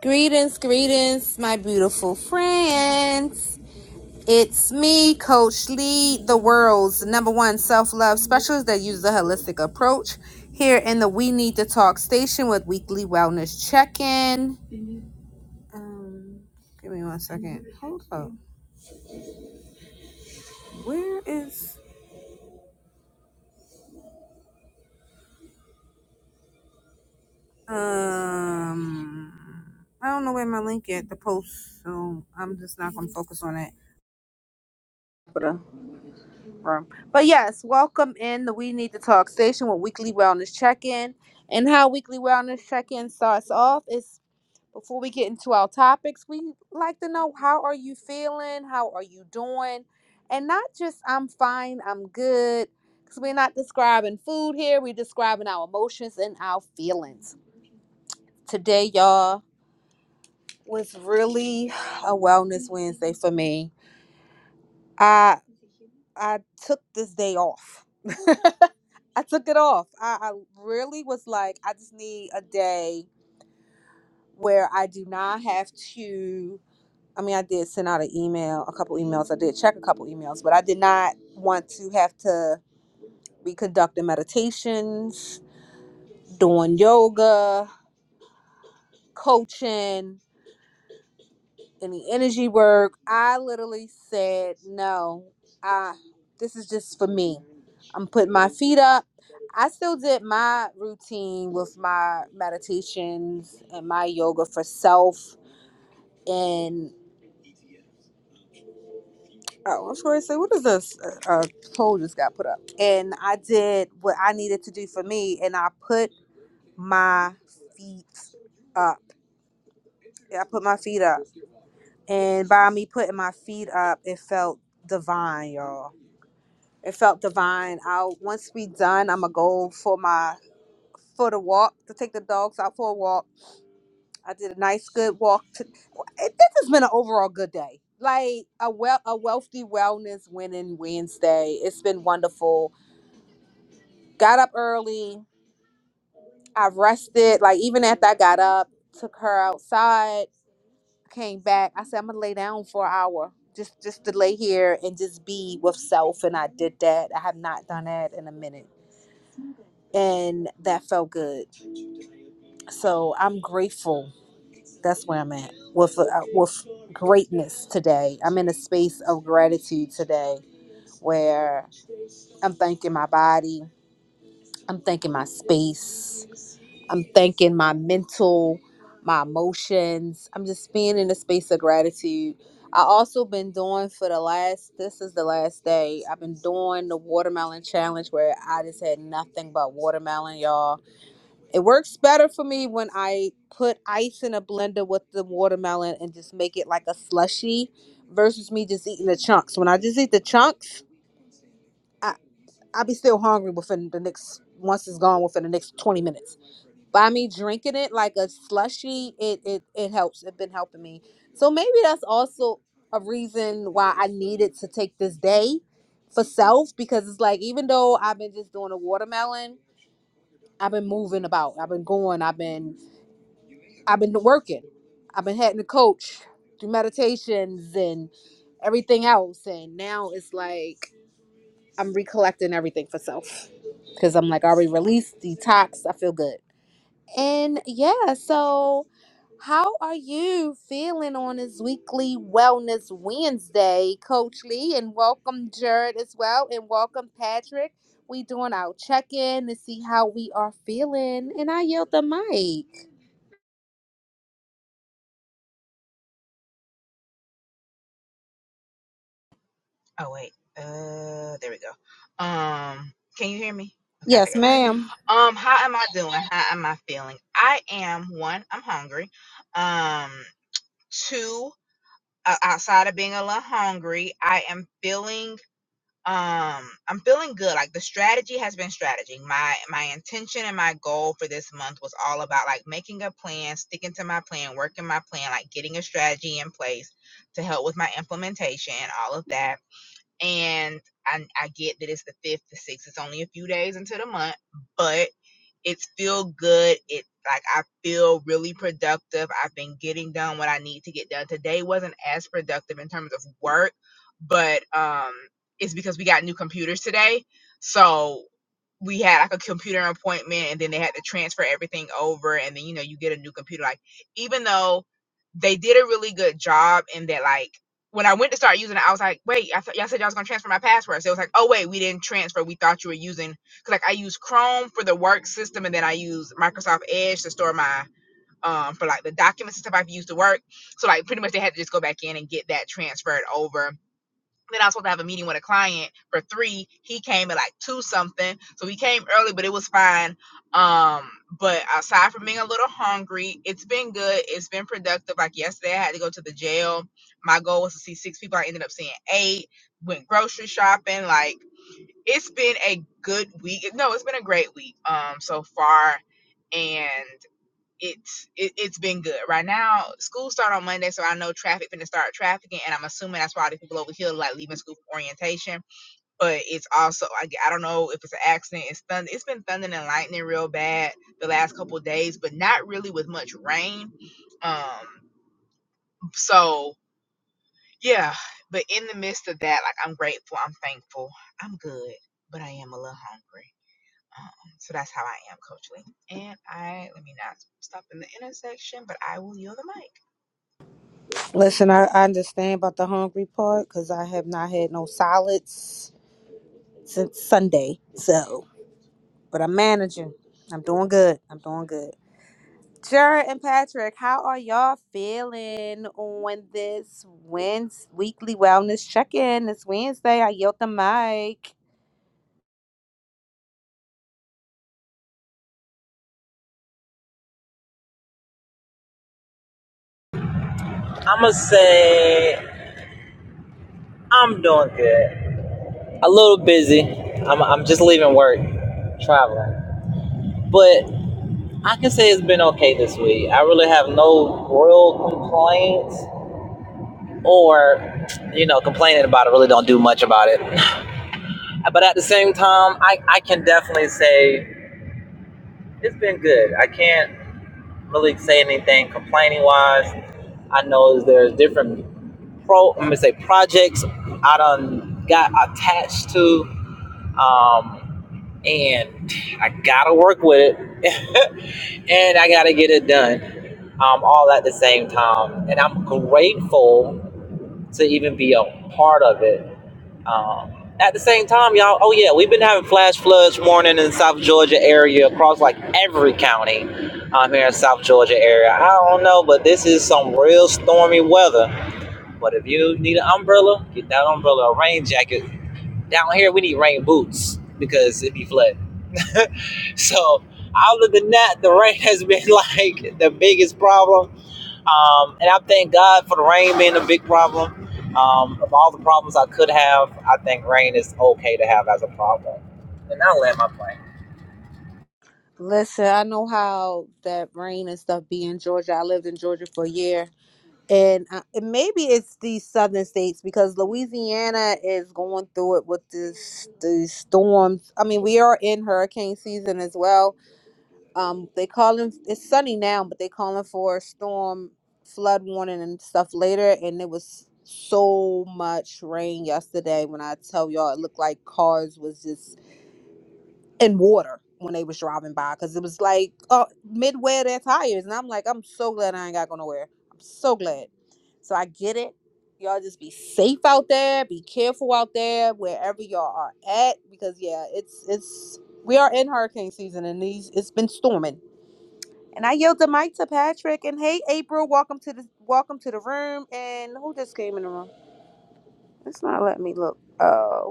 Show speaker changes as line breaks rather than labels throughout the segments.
Greetings, greetings, my beautiful friends. It's me, Coach Lee, the world's number one self love specialist that uses a holistic approach here in the We Need to Talk station with weekly wellness check in. Um, give me one second. Hold up. Where is. Um, I don't know where my link at, the post, so I'm just not going to focus on it. room. But yes, welcome in the We Need to Talk station with weekly wellness check in. And how weekly wellness check in starts off is before we get into our topics, we like to know how are you feeling? How are you doing? And not just I'm fine, I'm good. Because we're not describing food here, we're describing our emotions and our feelings. Today, y'all, was really a wellness Wednesday for me. I I took this day off. I took it off. I, I really was like, I just need a day where I do not have to. I mean, I did send out an email, a couple emails. I did check a couple emails, but I did not want to have to be conducting meditations, doing yoga, coaching, any energy work. I literally said, no, I, this is just for me. I'm putting my feet up. I still did my routine with my meditations and my yoga for self. And oh, I was going to say, what is this? A uh, poll just got put up. And I did what I needed to do for me, and I put my feet up. Yeah, I put my feet up. And by me putting my feet up, it felt divine, y'all. It felt divine. I'll once we done, I'ma go for my for the walk to take the dogs out for a walk. I did a nice good walk. To, it, this has been an overall good day. Like a well a wealthy wellness winning Wednesday. It's been wonderful. Got up early. I rested. Like even after I got up, took her outside, came back. I said I'm gonna lay down for an hour. Just just to lay here and just be with self. And I did that. I have not done that in a minute and that felt good. so I'm grateful. That's where I'm at with uh, with greatness today. I'm in a space of gratitude today where I'm thanking my body, I'm thanking my space, I'm thanking my mental, my emotions. I'm just being in a space of gratitude. I also been doing for the last this is the last day. I've been doing the watermelon challenge where I just had nothing but watermelon, y'all it works better for me when I put ice in a blender with the watermelon and just make it like a slushy versus me just eating the chunks. When I just eat the chunks, I, I'll be still hungry within the next, once it's gone within the next 20 minutes. By me drinking it like a slushy, it, it, it helps. It's been helping me. So maybe that's also a reason why I needed to take this day for self because it's like, even though I've been just doing a watermelon, I've been moving about. I've been going. I've been I've been working. I've been having to coach through meditations and everything else. And now it's like I'm recollecting everything for self because I'm like, I already released, detox. I feel good. And yeah, so how are you feeling on this weekly Wellness Wednesday, Coach Lee? And welcome, Jared, as well. And welcome, Patrick. We doing our check in to see how we are feeling. And I yield the mic.
Oh wait. Uh there we go. Um can you hear me? Okay, I
Yes,
think I got it.
ma'am.
Um how am I doing? How am I feeling? I am one, I'm hungry. Um two, uh, outside of being a little hungry, I am feeling um I'm feeling good. Like the strategy has been strategy. My my intention and my goal for this month was all about like making a plan, sticking to my plan, working my plan, like getting a strategy in place to help with my implementation and all of that and I, I get that it's the fifth, the sixth. It's only a few days into the month, but it's feel good. It like I feel really productive. I've been getting done what I need to get done. Today wasn't as productive in terms of work, but um, it's because we got new computers today. So we had like a computer appointment and then they had to transfer everything over and then you know you get a new computer like even though they did a really good job in that like when I went to start using it, I was like, wait, I thought y'all said y'all was gonna transfer my password. So it was like, oh wait, we didn't transfer. We thought you were using cause like I use Chrome for the work system and then I use Microsoft Edge to store my um for like the documents and stuff I've used to work. So like pretty much they had to just go back in and get that transferred over then I was supposed to have a meeting with a client for three. He came at like two something. So he came early, but it was fine. Um, but aside from being a little hungry, it's been good. It's been productive. Like yesterday, I had to go to the jail. My goal was to see six people. I ended up seeing eight, went grocery shopping. Like it's been a good week. No, it's been a great week um so far. And it's it, it's been good right now. School start on Monday, so I know traffic finna start trafficking, and I'm assuming that's why all the people over here like leaving school for orientation. But it's also I I g- I don't know if it's an accident. It's thunder. It's been thundering and lightning real bad the last couple of days, but not really with much rain. Um, so yeah. But in the midst of that, like I'm grateful, I'm thankful, I'm good, but I am a little hungry. Um, so that's how I am, Coach Lee. And I let me not stop in the intersection, but I will yield the mic.
Listen, I, I understand about the hungry part because I have not had no solids since Sunday. So, but I'm managing. I'm doing good. I'm doing good. Jared and Patrick, how are y'all feeling on this Wednesday weekly wellness check-in? It's Wednesday, I yelled the mic.
I'ma say I'm doing good. A little busy. I'm I'm just leaving work, traveling. But I can say it's been okay this week. I really have no real complaints or you know, complaining about it really don't do much about it. But at the same time, I, I can definitely say it's been good. I can't really say anything complaining wise. I know there's different pro I'm gonna say projects I done got attached to. Um and I gotta work with it and I gotta get it done. Um all at the same time. And I'm grateful to even be a part of it. Um, at the same time, y'all, oh yeah, we've been having flash floods warning in the South Georgia area across like every county um, here in South Georgia area. I don't know, but this is some real stormy weather. But if you need an umbrella, get that umbrella, a rain jacket. Down here, we need rain boots because it be flooding. So, other than that, the rain has been like the biggest problem. Um, and I thank God for the rain being a big problem. Um, of all the problems I could have, I think rain is okay to have as a problem. And I'll land my plane.
Listen, I know how that rain and stuff be in Georgia. I lived in Georgia for a year. and uh, and maybe it's these southern states because Louisiana is going through it with this these storms. I mean, we are in hurricane season as well. Um, they calling it's sunny now, but they calling for a storm flood warning and stuff later. And there was so much rain yesterday. When I tell y'all, it looked like cars was just and water when they was driving by because it was like uh midway of their tires and i'm like i'm so glad i ain't got go nowhere i'm so glad so i get it y'all just be safe out there be careful out there wherever y'all are at because yeah it's it's we are in hurricane season and these it's been storming and i yelled the mic to patrick and hey april welcome to the welcome to the room and who just came in the room it's not letting me look Oh.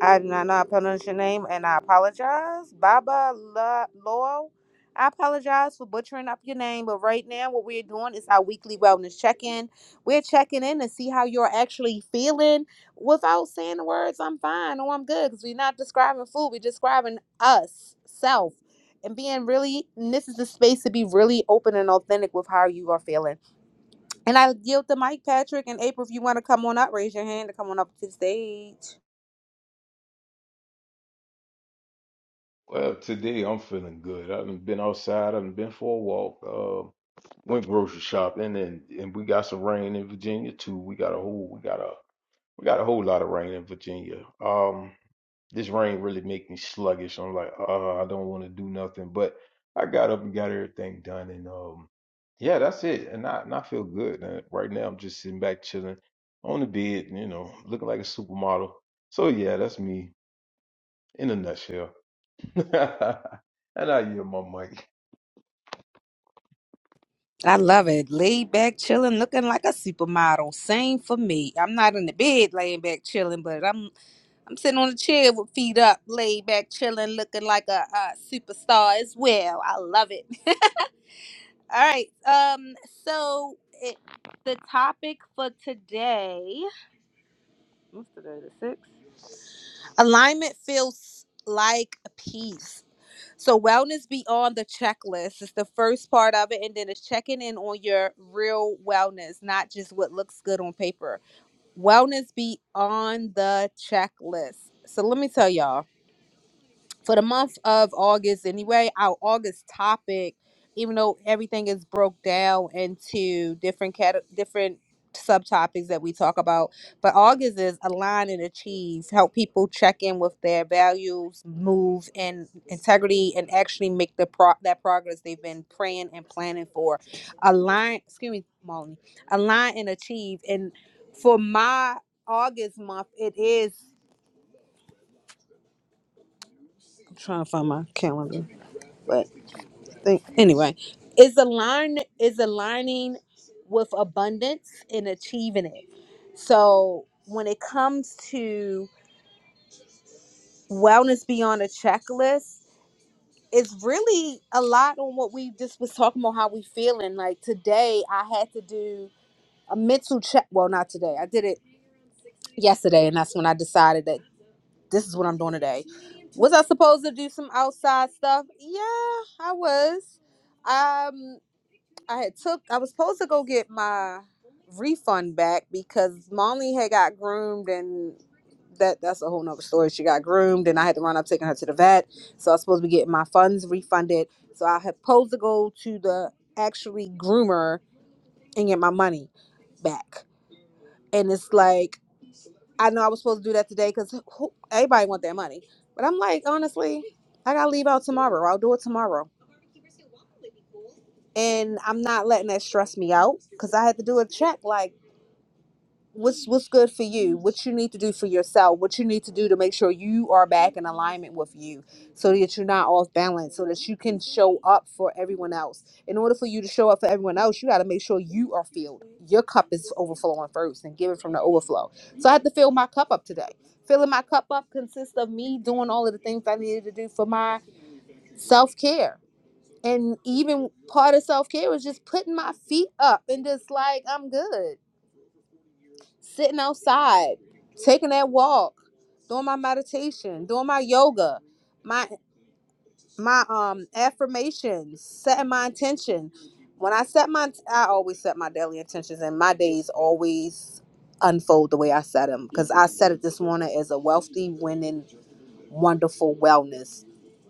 I did not know I pronounced your name, and I apologize. Baba La- Lowell, I apologize for butchering up your name, but right now what we're doing is our weekly wellness check-in. We're checking in to see how you're actually feeling without saying the words, I'm fine or I'm good, because we're not describing food. We're describing us, self, and being really, and this is the space to be really open and authentic with how you are feeling. And I yield the mic, Patrick and April, if you want to come on up, raise your hand to come on up to the stage.
Well, today I'm feeling good. I've been outside. I've been for a walk. Uh, went grocery shopping, and and we got some rain in Virginia too. We got a whole we got a we got a whole lot of rain in Virginia. Um, this rain really make me sluggish. I'm like, uh, I don't want to do nothing. But I got up and got everything done, and um, yeah, that's it. And I and I feel good. And right now I'm just sitting back chilling on the bed, you know, looking like a supermodel. So yeah, that's me in a nutshell. and I yield my mic.
I love it. Laid back, chilling, looking like a supermodel. Same for me. I'm not in the bed laying back chilling, but I'm I'm sitting on a chair with feet up, laid back, chilling, looking like a, uh superstar as well. I love it. All right. Um. So it, the topic for today. What's today? The sixth. Alignment feels like peace. So wellness beyond the checklist is the first part of it, and then it's checking in on your real wellness, not just what looks good on paper. Wellness beyond the checklist. So let me tell y'all for the month of August anyway, our August topic, even though everything is broke down into different cat- different subtopics that we talk about, but August is align and achieve, help people check in with their values, move and integrity and actually make the pro- that progress they've been praying and planning for. Align, excuse me, Molly. Align and achieve and for my August month, it is I'm trying to find my calendar. but. think anyway is align is aligning with abundance and achieving it so when it comes to wellness beyond a checklist it's really a lot on what we just was talking about how we feeling like today i had to do a mental check well not today i did it yesterday and that's when i decided that this is what i'm doing today was i supposed to do some outside stuff yeah i was Um, I had took I was supposed to go get my refund back because Molly had got groomed and that that's a whole nother story. She got groomed and I had to run up taking her to the vet. So I was supposed to be getting my funds refunded. So I had supposed to go to the actually groomer and get my money back. And it's like I know I was supposed to do that today because everybody want their money. But I'm like, honestly, I gotta leave out tomorrow. I'll do it tomorrow and I'm not letting that stress me out because I had to do a check. Like what's what's good for you what you need to do for yourself what you need to do to make sure you are back in alignment with you so that you're not off balance so that you can show up for everyone else in order for you to show up for everyone else you got to make sure you are filled your cup is overflowing first and give it from the overflow so i had to fill my cup up today filling my cup up consists of me doing all of the things i needed to do for my self-care and even part of self-care was just putting my feet up and just like i'm good sitting outside, taking that walk, doing my meditation, doing my yoga, my my um affirmations, setting my intention. When I set my, I always set my daily intentions, and my days always unfold the way I set them. Because I set it this morning as a wealthy, winning, wonderful wellness.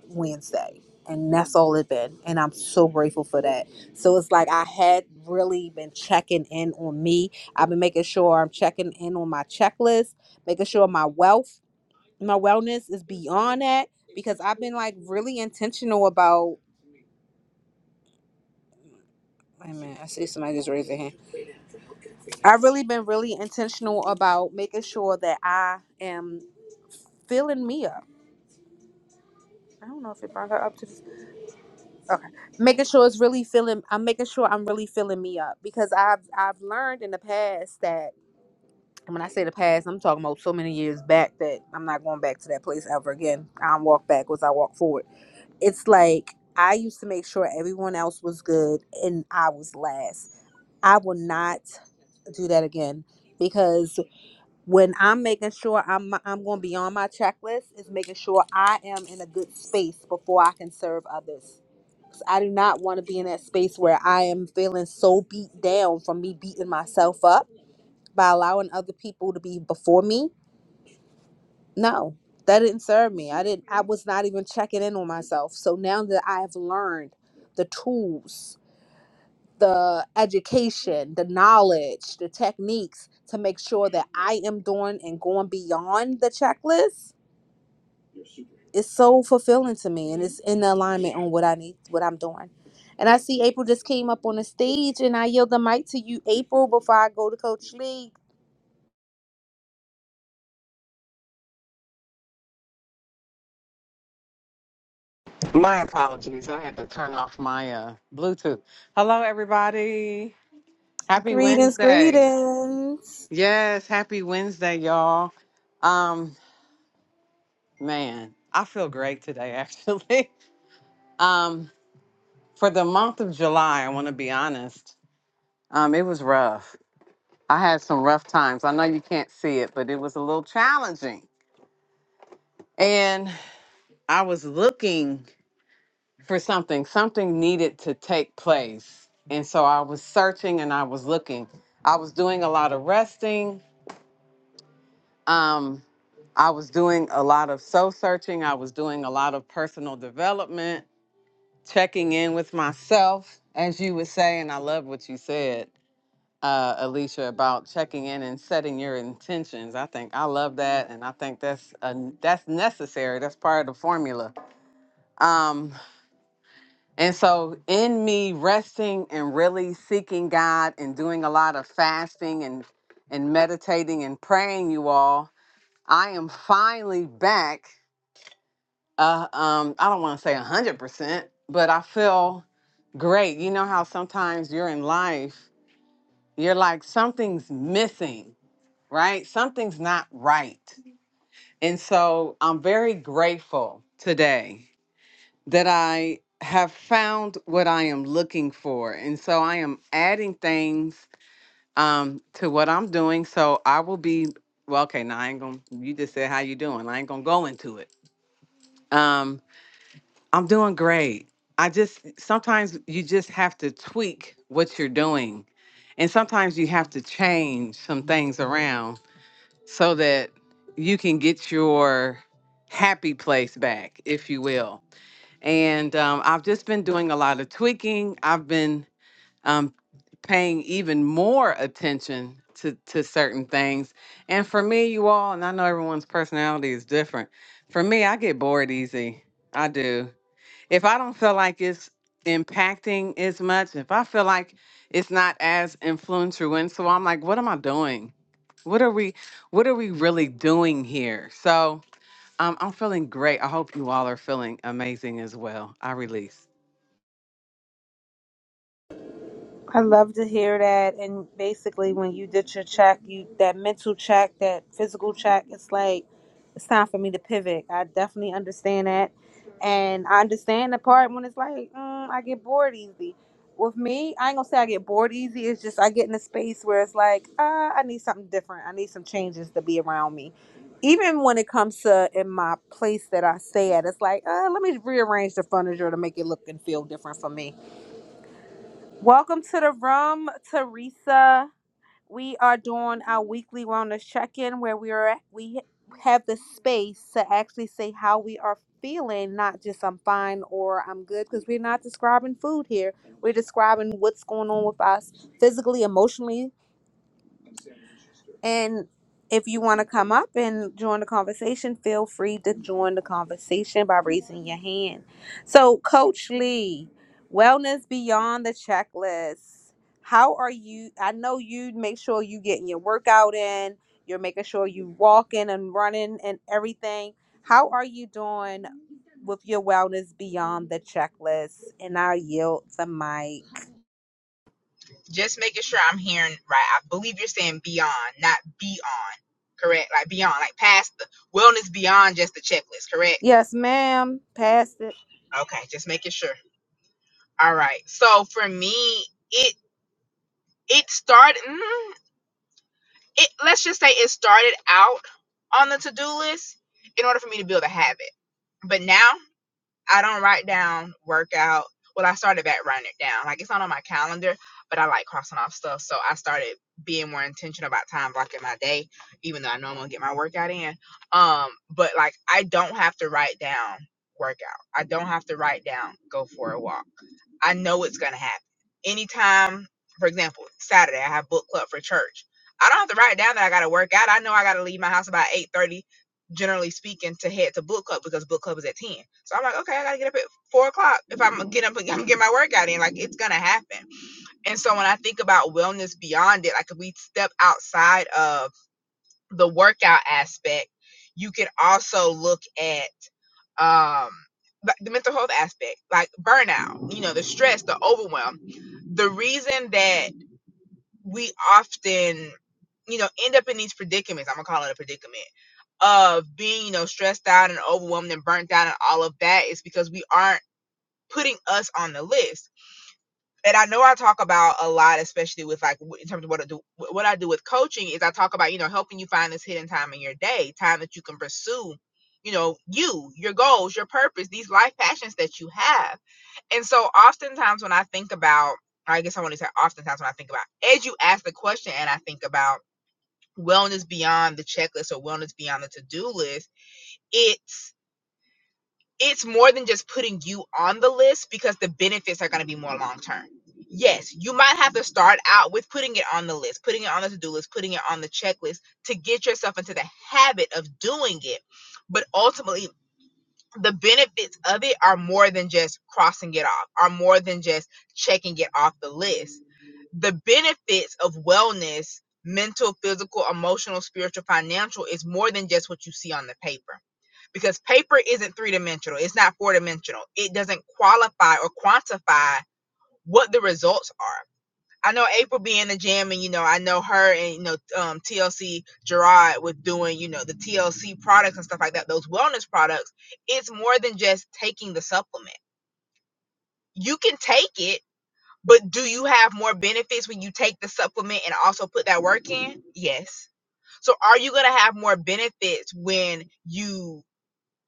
Wednesday. And that's all it been. And I'm so grateful for that. So it's like I had really been checking in on me. I've been making sure I'm checking in on my checklist, making sure my wealth, my wellness is beyond that because I've been like really intentional about. Wait a minute, I see somebody just raised their hand. I've really been really intentional about making sure that I am filling me up. I don't know if it brought her up to. okay making sure it's really feeling i'm making sure i'm really filling me up because i've i've learned in the past that and when i say the past i'm talking about so many years back that i'm not going back to that place ever again i don't walk backwards i walk forward it's like i used to make sure everyone else was good and i was last i will not do that again because when i'm making sure i'm i'm going beyond my checklist is making sure i am in a good space before i can serve others I do not want to be in that space where I am feeling so beat down from me beating myself up by allowing other people to be before me. No, that didn't serve me. I didn't I was not even checking in on myself. So now that I have learned the tools, the education, the knowledge, the techniques to make sure that I am doing and going beyond the checklist, it's so fulfilling to me and it's in alignment on what I need, what I'm doing. And I see April just came up on the stage and I yield the mic to you, April, before I go to Coach Lee.
My apologies. I had to turn off my uh, Bluetooth. Hello, everybody. Happy
Greetings,
Wednesday.
greetings.
Yes, happy Wednesday, y'all. Um, man, I feel great today, actually. Um, for the month of July, I want to be honest. Um, it was rough. I had some rough times. I know you can't see it, but it was a little challenging. And I was looking. for something. Something needed to take place. And so I was searching and I was looking. I was doing a lot of resting. Um, I was doing a lot of soul searching. I was doing a lot of personal development, checking in with myself, as you would say. And I love what you said, uh, Alicia, about checking in and setting your intentions. I think I love that. And I think that's, a, that's necessary. That's part of the formula. Um, And so, in me resting and really seeking God and doing a lot of fasting and, and meditating and praying, you all, I am finally back. Uh, um, I don't want to say 100%, but I feel great. You know how sometimes you're in life, you're like, something's missing, right? Something's not right. And so, I'm very grateful today that I have found what I am looking for. And so I am adding things um, to what I'm doing. So I will be, well, okay, now I ain't gonna, you just said how you doing. I ain't gonna go into it. Um, I'm doing great. I just, sometimes you just have to tweak what you're doing. And sometimes you have to change some things around so that you can get your happy place back, if you will and um, I've just been doing a lot of tweaking. I've been um, paying even more attention to to certain things. And for me, you all, and I know everyone's personality is different. For me, I get bored easy. I do. If I don't feel like it's impacting as much, if I feel like it's not as influential, and so I'm like, what am I doing? What are we what are we really doing here? So um, I'm feeling great. I hope you all are feeling amazing as well. I release.
I love to hear that. And basically, when you did your check, you that mental check, that physical check, it's like it's time for me to pivot. I definitely understand that, and I understand the part when it's like mm, I get bored easy. With me, I ain't gonna say I get bored easy. It's just I get in a space where it's like uh, I need something different. I need some changes to be around me. Even when it comes to in my place that I stay at, it's like uh, let me rearrange the furniture to make it look and feel different for me Welcome to the room, Teresa. We are doing our weekly wellness check-in where we are we have the space to actually say how we are feeling, not just I'm fine or I'm good, because we're not describing food here. We're describing what's going on with us physically, emotionally, and if you want to come up and join the conversation, feel free to join the conversation by raising your hand. So, Coach Lee, wellness beyond the checklist. How are you? I know you make sure you getting your workout in, you're making sure you walking and running and everything. How are you doing with your wellness beyond the checklist? And I yield the mic.
Just making sure I'm hearing right. I believe you're saying beyond, not beyond. Correct? Like beyond, like past the wellness beyond just the checklist, correct?
Yes, ma'am. Pass it.
Okay, just making sure. All right. So for me, it it started mm, it let's just say it started out on the to-do list in order for me to build a habit. But now I don't write down workout. Well, I started back writing it down. Like it's not on my calendar, but I like crossing off stuff. So I started being more intentional about time blocking my day, even though I know I'm gonna get my workout in. Um, but like I don't have to write down workout. I don't have to write down go for a walk. I know it's going to happen. Anytime, for example, Saturday, I have book club for church. I don't have to write down that I got to work out. I know I got to leave my house about 8.30, generally speaking, to head to book club because book club is at 10. So I'm like, okay, I got to get up at 4 o'clock if I'm going to get up I'm going to get my workout in. Like, it's going to happen. And so when I think about wellness beyond it, like if we step outside of the workout aspect, you can also look at um the the mental health aspect, like burnout, you know, the stress, the overwhelm. The reason that we often, you know, end up in these predicaments, I'm gonna call it a predicament, of being, you know, stressed out and overwhelmed and burnt out and all of that is because we aren't putting us on the list and I know I talk about a lot, especially with like w- in terms of what I do. What I do with coaching is I talk about you know helping you find this hidden time in your day, time that you can pursue, you know, you, your goals, your purpose, these life passions that you have. And so, oftentimes when I think about, I guess I want to say, oftentimes when I think about, as you ask the question, and I think about wellness beyond the checklist or wellness beyond the to do list, it's it's more than just putting you on the list because the benefits are going to be more long term. Yes, you might have to start out with putting it on the list, putting it on the to do list, putting it on the checklist to get yourself into the habit of doing it. But ultimately, the benefits of it are more than just crossing it off, are more than just checking it off the list. The benefits of wellness, mental, physical, emotional, spiritual, financial, is more than just what you see on the paper because paper isn't three dimensional, it's not four dimensional. It doesn't qualify or quantify what the results are. I know April be in the gym, and you know, I know her and you know, um, TLC Gerard with doing you know the TLC products and stuff like that, those wellness products. It's more than just taking the supplement. You can take it, but do you have more benefits when you take the supplement and also put that work in? Yes. So, are you going to have more benefits when you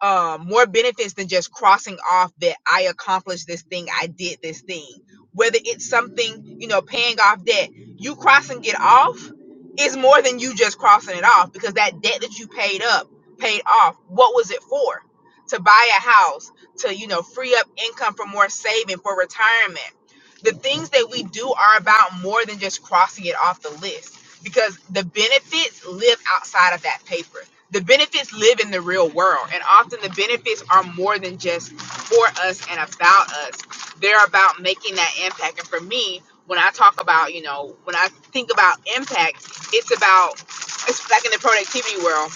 um, more benefits than just crossing off that I accomplished this thing, I did this thing. Whether it's something, you know, paying off debt, you crossing it off is more than you just crossing it off because that debt that you paid up, paid off, what was it for? To buy a house, to, you know, free up income for more saving, for retirement. The things that we do are about more than just crossing it off the list because the benefits live outside of that paper the benefits live in the real world and often the benefits are more than just for us and about us they're about making that impact and for me when i talk about you know when i think about impact it's about it's like in the productivity world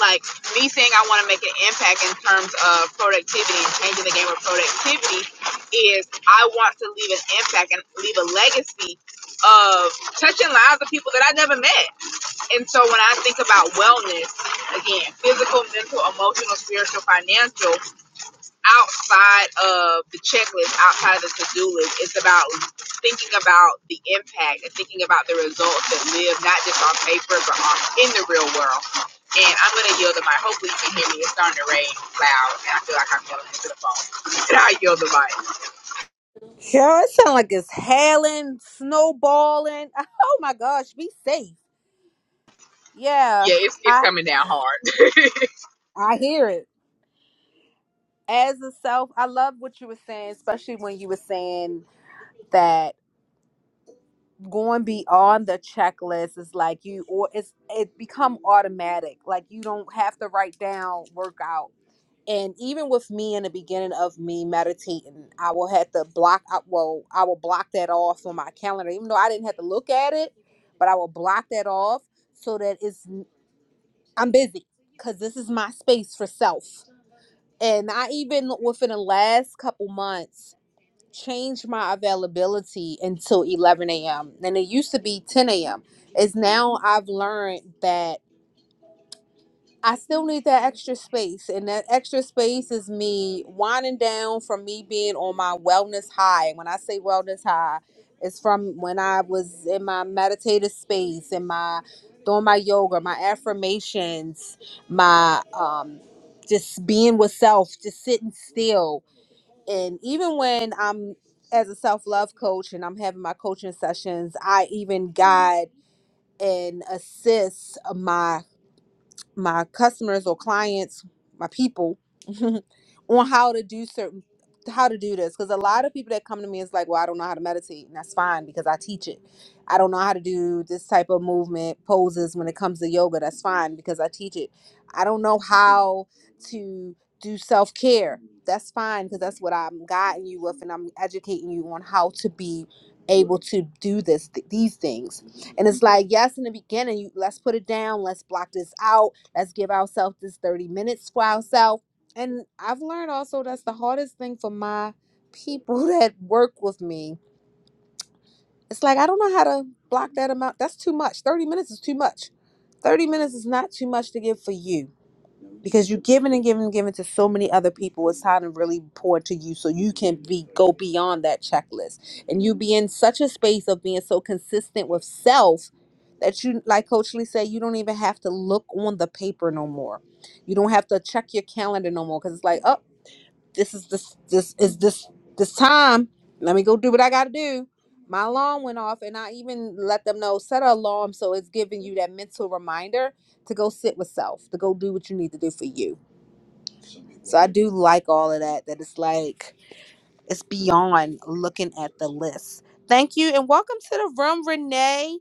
like me saying i want to make an impact in terms of productivity and changing the game of productivity is i want to leave an impact and leave a legacy of touching lives of people that i never met and so when I think about wellness, again, physical, mental, emotional, spiritual, financial, outside of the checklist, outside of the to-do list, it's about thinking about the impact and thinking about the results that live not just on paper but on, in the real world. And I'm gonna yield the mic. Hopefully you can hear me. It's starting to rain loud and I feel like I'm yelling into the phone. And I yield the mic.
Sure, it sounds like it's hailing, snowballing. Oh my gosh, be safe. Yeah,
Yeah, it's it's
I
coming down hard.
I hear it. As a self, I love what you were saying, especially when you were saying that going beyond the checklist is like you or it's it become automatic. Like you don't have to write down workout. and even with me in the beginning of me meditating i will have to block I, well i will block that off on my calendar even though i didn't have to look at it but i will block that off so that it's i'm busy because this is my space for self and i even within the last couple months changed my availability until 11 a.m and it used to be 10 a.m it's now i've learned that I still need that extra space, and that extra space is me winding down from me being on my wellness high. When I say wellness high, it's from when I was in my meditative space, in my doing my yoga, my affirmations, my um, just being with self, just sitting still. And even when I'm as a self love coach and I'm having my coaching sessions, I even guide and assist my my customers or clients, my people, on how to do certain how to do this because a lot of people that come to me is like, well, I don't know how to meditate, and that's fine because I teach it. I don't know how to do this type of movement poses when it comes to yoga. That's fine because I teach it. I don't know how to do self care. That's fine because that's what I'm guiding you with, and I'm educating you on how to be able to do this th- these things and it's like, yes, in the beginning, you, let's put it down. Let's block this out. Let's give ourselves this 30 minutes for ourselves. And I've learned also that's the hardest thing for my people that work with me. It's like, I don't know how to block that amount. That's too much. 30 minutes is too much. 30 minutes is not too much to give for you because you're giving and giving and giving to so many other people it's time to really pour to you so you can be go beyond that checklist and you be in such a space of being so consistent with self that you like coach lee said you don't even have to look on the paper no more you don't have to check your calendar no more because it's like oh this is this this is this this time. Let me go do what I gotta do. My alarm went off, and I even let them know set an alarm so it's giving you that mental reminder to go sit with self, to go do what you need to do for you. So I do like all of that. That it's like it's beyond looking at the list. Thank you, and welcome to the room, Renee.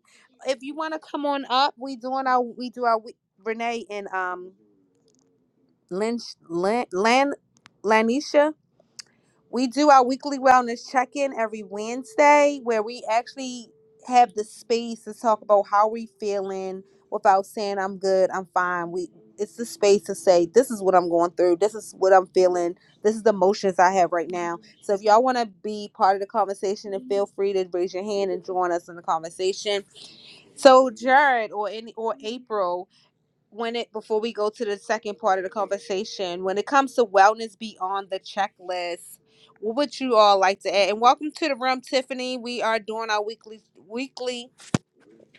If you want to come on up, we doing our we do our we, Renee and um Lynch Lan Lan Lanisha. We do our weekly wellness check in every Wednesday where we actually have the space to talk about how we feeling without saying I'm good, I'm fine. We it's the space to say this is what I'm going through, this is what I'm feeling, this is the emotions I have right now. So if y'all want to be part of the conversation and feel free to raise your hand and join us in the conversation. So Jared or any or April, when it before we go to the second part of the conversation, when it comes to wellness beyond the checklist, what would you all like to add? And welcome to the room, Tiffany. We are doing our weekly weekly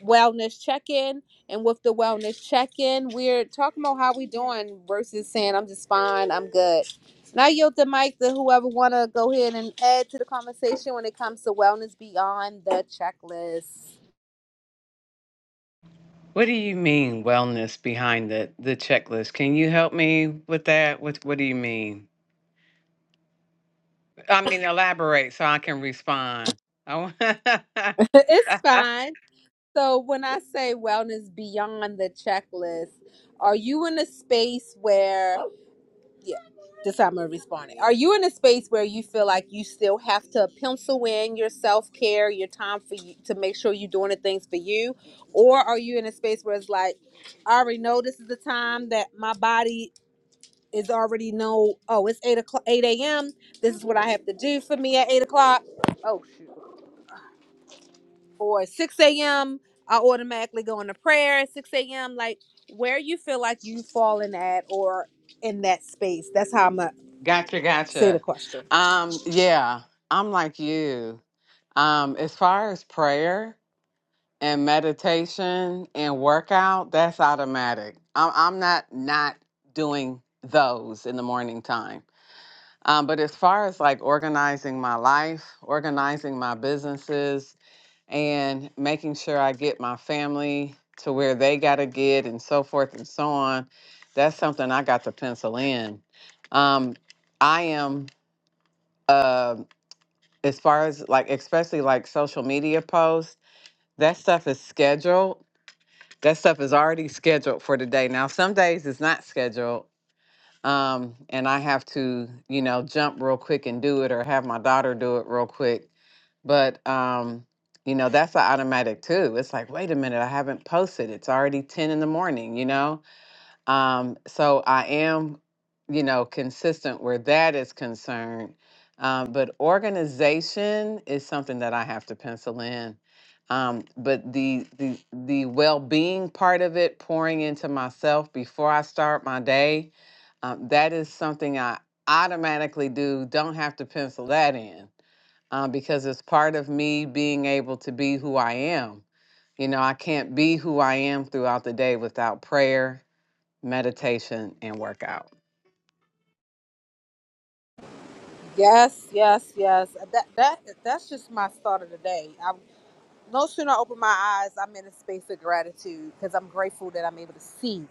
wellness check-in. And with the wellness check-in, we're talking about how we doing versus saying I'm just fine, I'm good. And I yield the mic to whoever wanna go ahead and add to the conversation when it comes to wellness beyond the checklist.
What do you mean wellness behind the the checklist? Can you help me with that? What What do you mean? I mean, elaborate so I can respond. Oh,
it's fine. So, when I say wellness beyond the checklist, are you in a space where, yeah, this time I'm responding. Are you in a space where you feel like you still have to pencil in your self care, your time for you to make sure you're doing the things for you? Or are you in a space where it's like, I already know this is the time that my body is already know, oh, it's 8 o'clock, 8 a.m. This is what I have to do for me at 8 o'clock. Oh, shoot or 6 a.m. I automatically go into prayer at 6 a.m. Like where you feel like you falling at or in that space. That's how I'm gonna
gotcha,
say the
gotcha.
question.
Um, yeah, I'm like you. Um, as far as prayer and meditation and workout, that's automatic. I'm, I'm not not doing those in the morning time Um, but as far as like organizing my life, organizing my businesses, and making sure I get my family to where they got to get and so forth and so on, that's something I got to pencil in. Um, I am, uh, as far as like, especially like social media posts, that stuff is scheduled. That stuff is already scheduled for today. Now, some days it's not scheduled um, and I have to, you know, jump real quick and do it or have my daughter do it real quick. But, um, you know, that's an automatic too. It's like, wait a minute, I haven't posted. It's already 10 in the morning, you know? Um, so I am, you know, consistent where that is concerned. Um, but organization is something that I have to pencil in. Um, but the the the well-being part of it, pouring into myself before I start my day, um, that is something I automatically do. Don't have to pencil that in um, because it's part of me being able to be who I am. You know, I can't be who I am throughout the day without prayer, meditation, and workout.
Yes, yes, yes. uh, That that that's just my start of the day. I'm no sooner I open my eyes, I'm in a space of gratitude because I'm grateful that I'm able to see.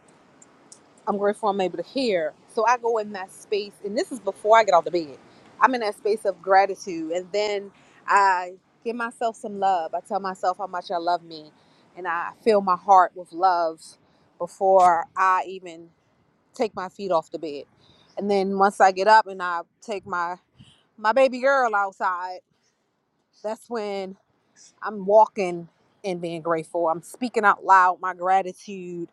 I'm grateful I'm able to hear. So I go in that space, and this is before I get out of bed. I'm in that space of gratitude, and then I give myself some love. I tell myself how much I love me, and I fill my heart with love before I even take my feet off the bed. And then once I get up and I take my my baby girl outside, that's when I'm walking and being grateful. I'm speaking out loud my gratitude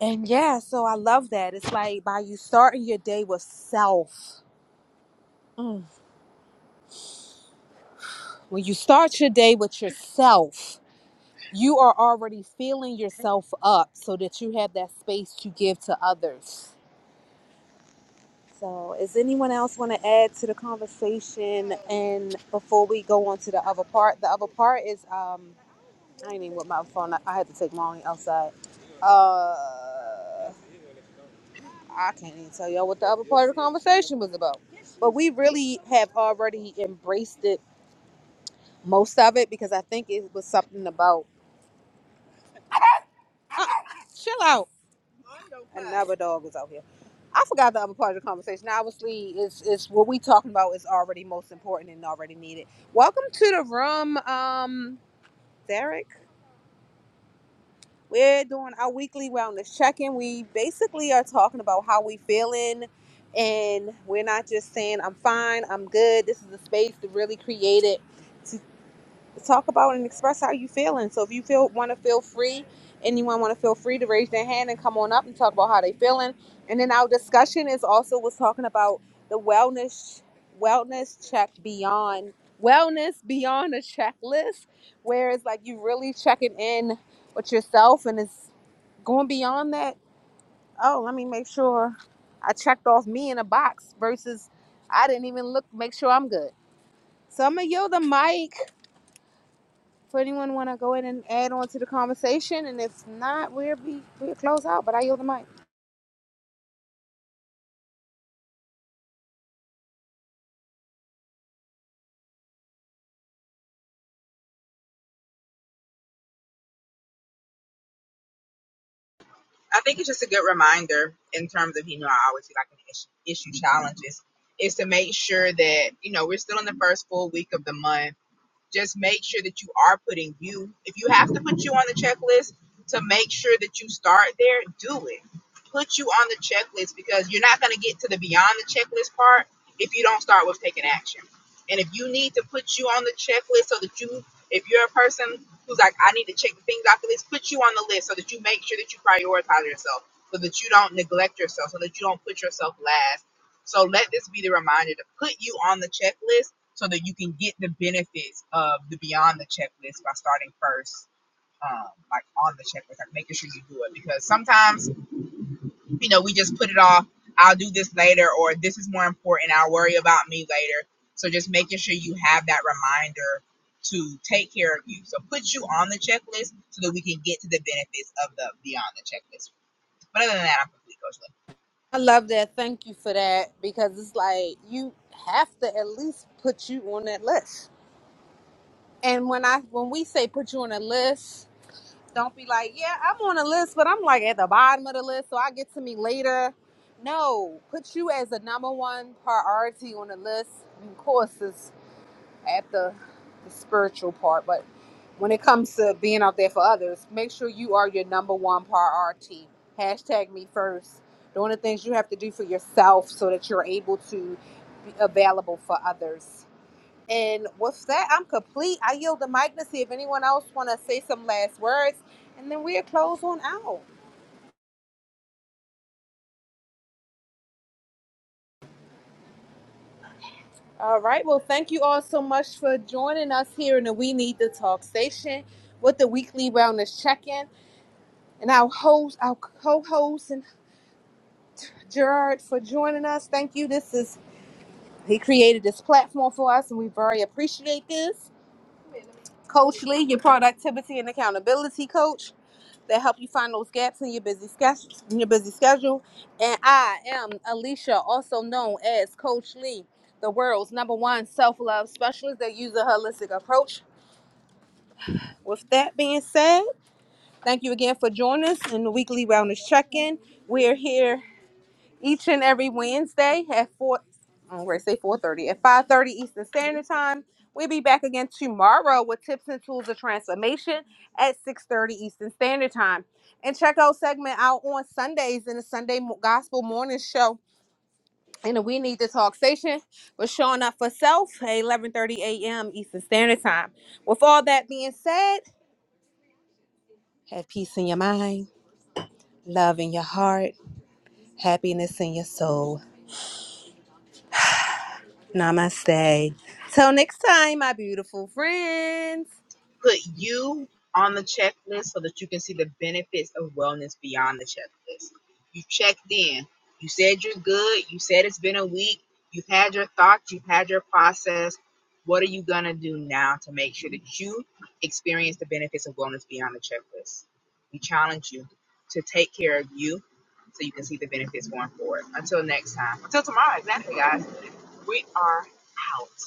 And yeah, so I love that. It's like by you starting your day with self. Mm. When you start your day with yourself, you are already feeling yourself up so that you have that space to give to others. So, is anyone else want to add to the conversation? And before we go on to the other part, the other part is um, I ain't even with my phone. I, I had to take Molly outside. Uh, I can't even tell y'all what the other part of the conversation was about. But we really have already embraced it, most of it, because I think it was something about. Uh, chill out. Another dog was out here. I forgot the other part of the conversation. Now, obviously, it's, it's what we talking about is already most important and already needed. Welcome to the room, um, Derek. We're doing our weekly wellness check-in. We basically are talking about how we feeling and we're not just saying I'm fine, I'm good. This is a space to really create it to talk about and express how you feeling. So if you feel want to feel free, anyone want to feel free to raise their hand and come on up and talk about how they feeling. And then our discussion is also was talking about the wellness wellness check beyond wellness beyond a checklist where it's like you really checking in with yourself and it's Going beyond that, oh, let me make sure I checked off me in a box versus I didn't even look, make sure I'm good. So I'm going to yield the mic for anyone want to go in and add on to the conversation. And if not, we'll be, we'll close out, but I yield the mic.
I think it's just a good reminder in terms of, you know, I always feel like an issue, issue challenges is to make sure that, you know, we're still in the first full week of the month just make sure that you are putting you if you have to put you on the checklist to make sure that you start there do it put you on the checklist because you're not going to get to the beyond the checklist part if you don't start with taking action and if you need to put you on the checklist so that you if you're a person who's like i need to check the things off the list put you on the list so that you make sure that you prioritize yourself so that you don't neglect yourself so that you don't put yourself last so let this be the reminder to put you on the checklist so that you can get the benefits of the beyond the checklist by starting first um, like on the checklist like making sure you do it because sometimes you know we just put it off i'll do this later or this is more important i'll worry about me later so just making sure you have that reminder to take care of you so put you on the checklist so that we can get to the benefits of the beyond the checklist but other than that i'm complete coach
I love that. Thank you for that because it's like you have to at least put you on that list. And when I when we say put you on a list, Don't be like, yeah, I'm on a list, but I'm like at the bottom of the list, so I get to me later. No, put you as the number one priority on the list. Of course, it's at the, the spiritual part, but when it comes to being out there for others, make sure you are your number one priority. Hashtag me first. Doing the things you have to do for yourself so that you're able to be available for others. And with that, I'm complete. I yield the mic to see if anyone else want to say some last words, and then we'll close on out. All right. Well, thank you all so much for joining us here in the We Need to Talk station with the weekly wellness check-in, and our host, our co-host, and Gerard for joining us. Thank you. This is he created this platform for us, and we very appreciate this. Coach Lee, your productivity and accountability coach. that help you find those gaps in your busy schedule. In your busy schedule, and I am Alicia, also known as Coach Lee, the world's number one self-love specialist that uses a holistic approach. With that being said, thank you again for joining us in the weekly wellness check-in. We're here each and every Wednesday at four. I'm gonna say four thirty at five thirty Eastern Standard Time. We'll be back again tomorrow with tips and tools of transformation at six thirty Eastern Standard Time. And check out segment out on Sundays in the Sunday Mo- Gospel Morning Show in the We Need to Talk station. We're showing up for self at eleven thirty a.m. Eastern Standard Time. With all that being said, have peace in your mind, love in your heart, happiness in your soul. Namaste. Till next time, my beautiful friends.
put you on the checklist so that you can see the benefits of wellness beyond the checklist. You checked in. You said you're good. You said it's been a week. You've had your thoughts. You've had your process. What are you going to do now to make sure that you experience the benefits of wellness beyond the checklist? We challenge you to take care of you so you can see the benefits going forward. Until next time, until tomorrow, exactly, guys, we are out.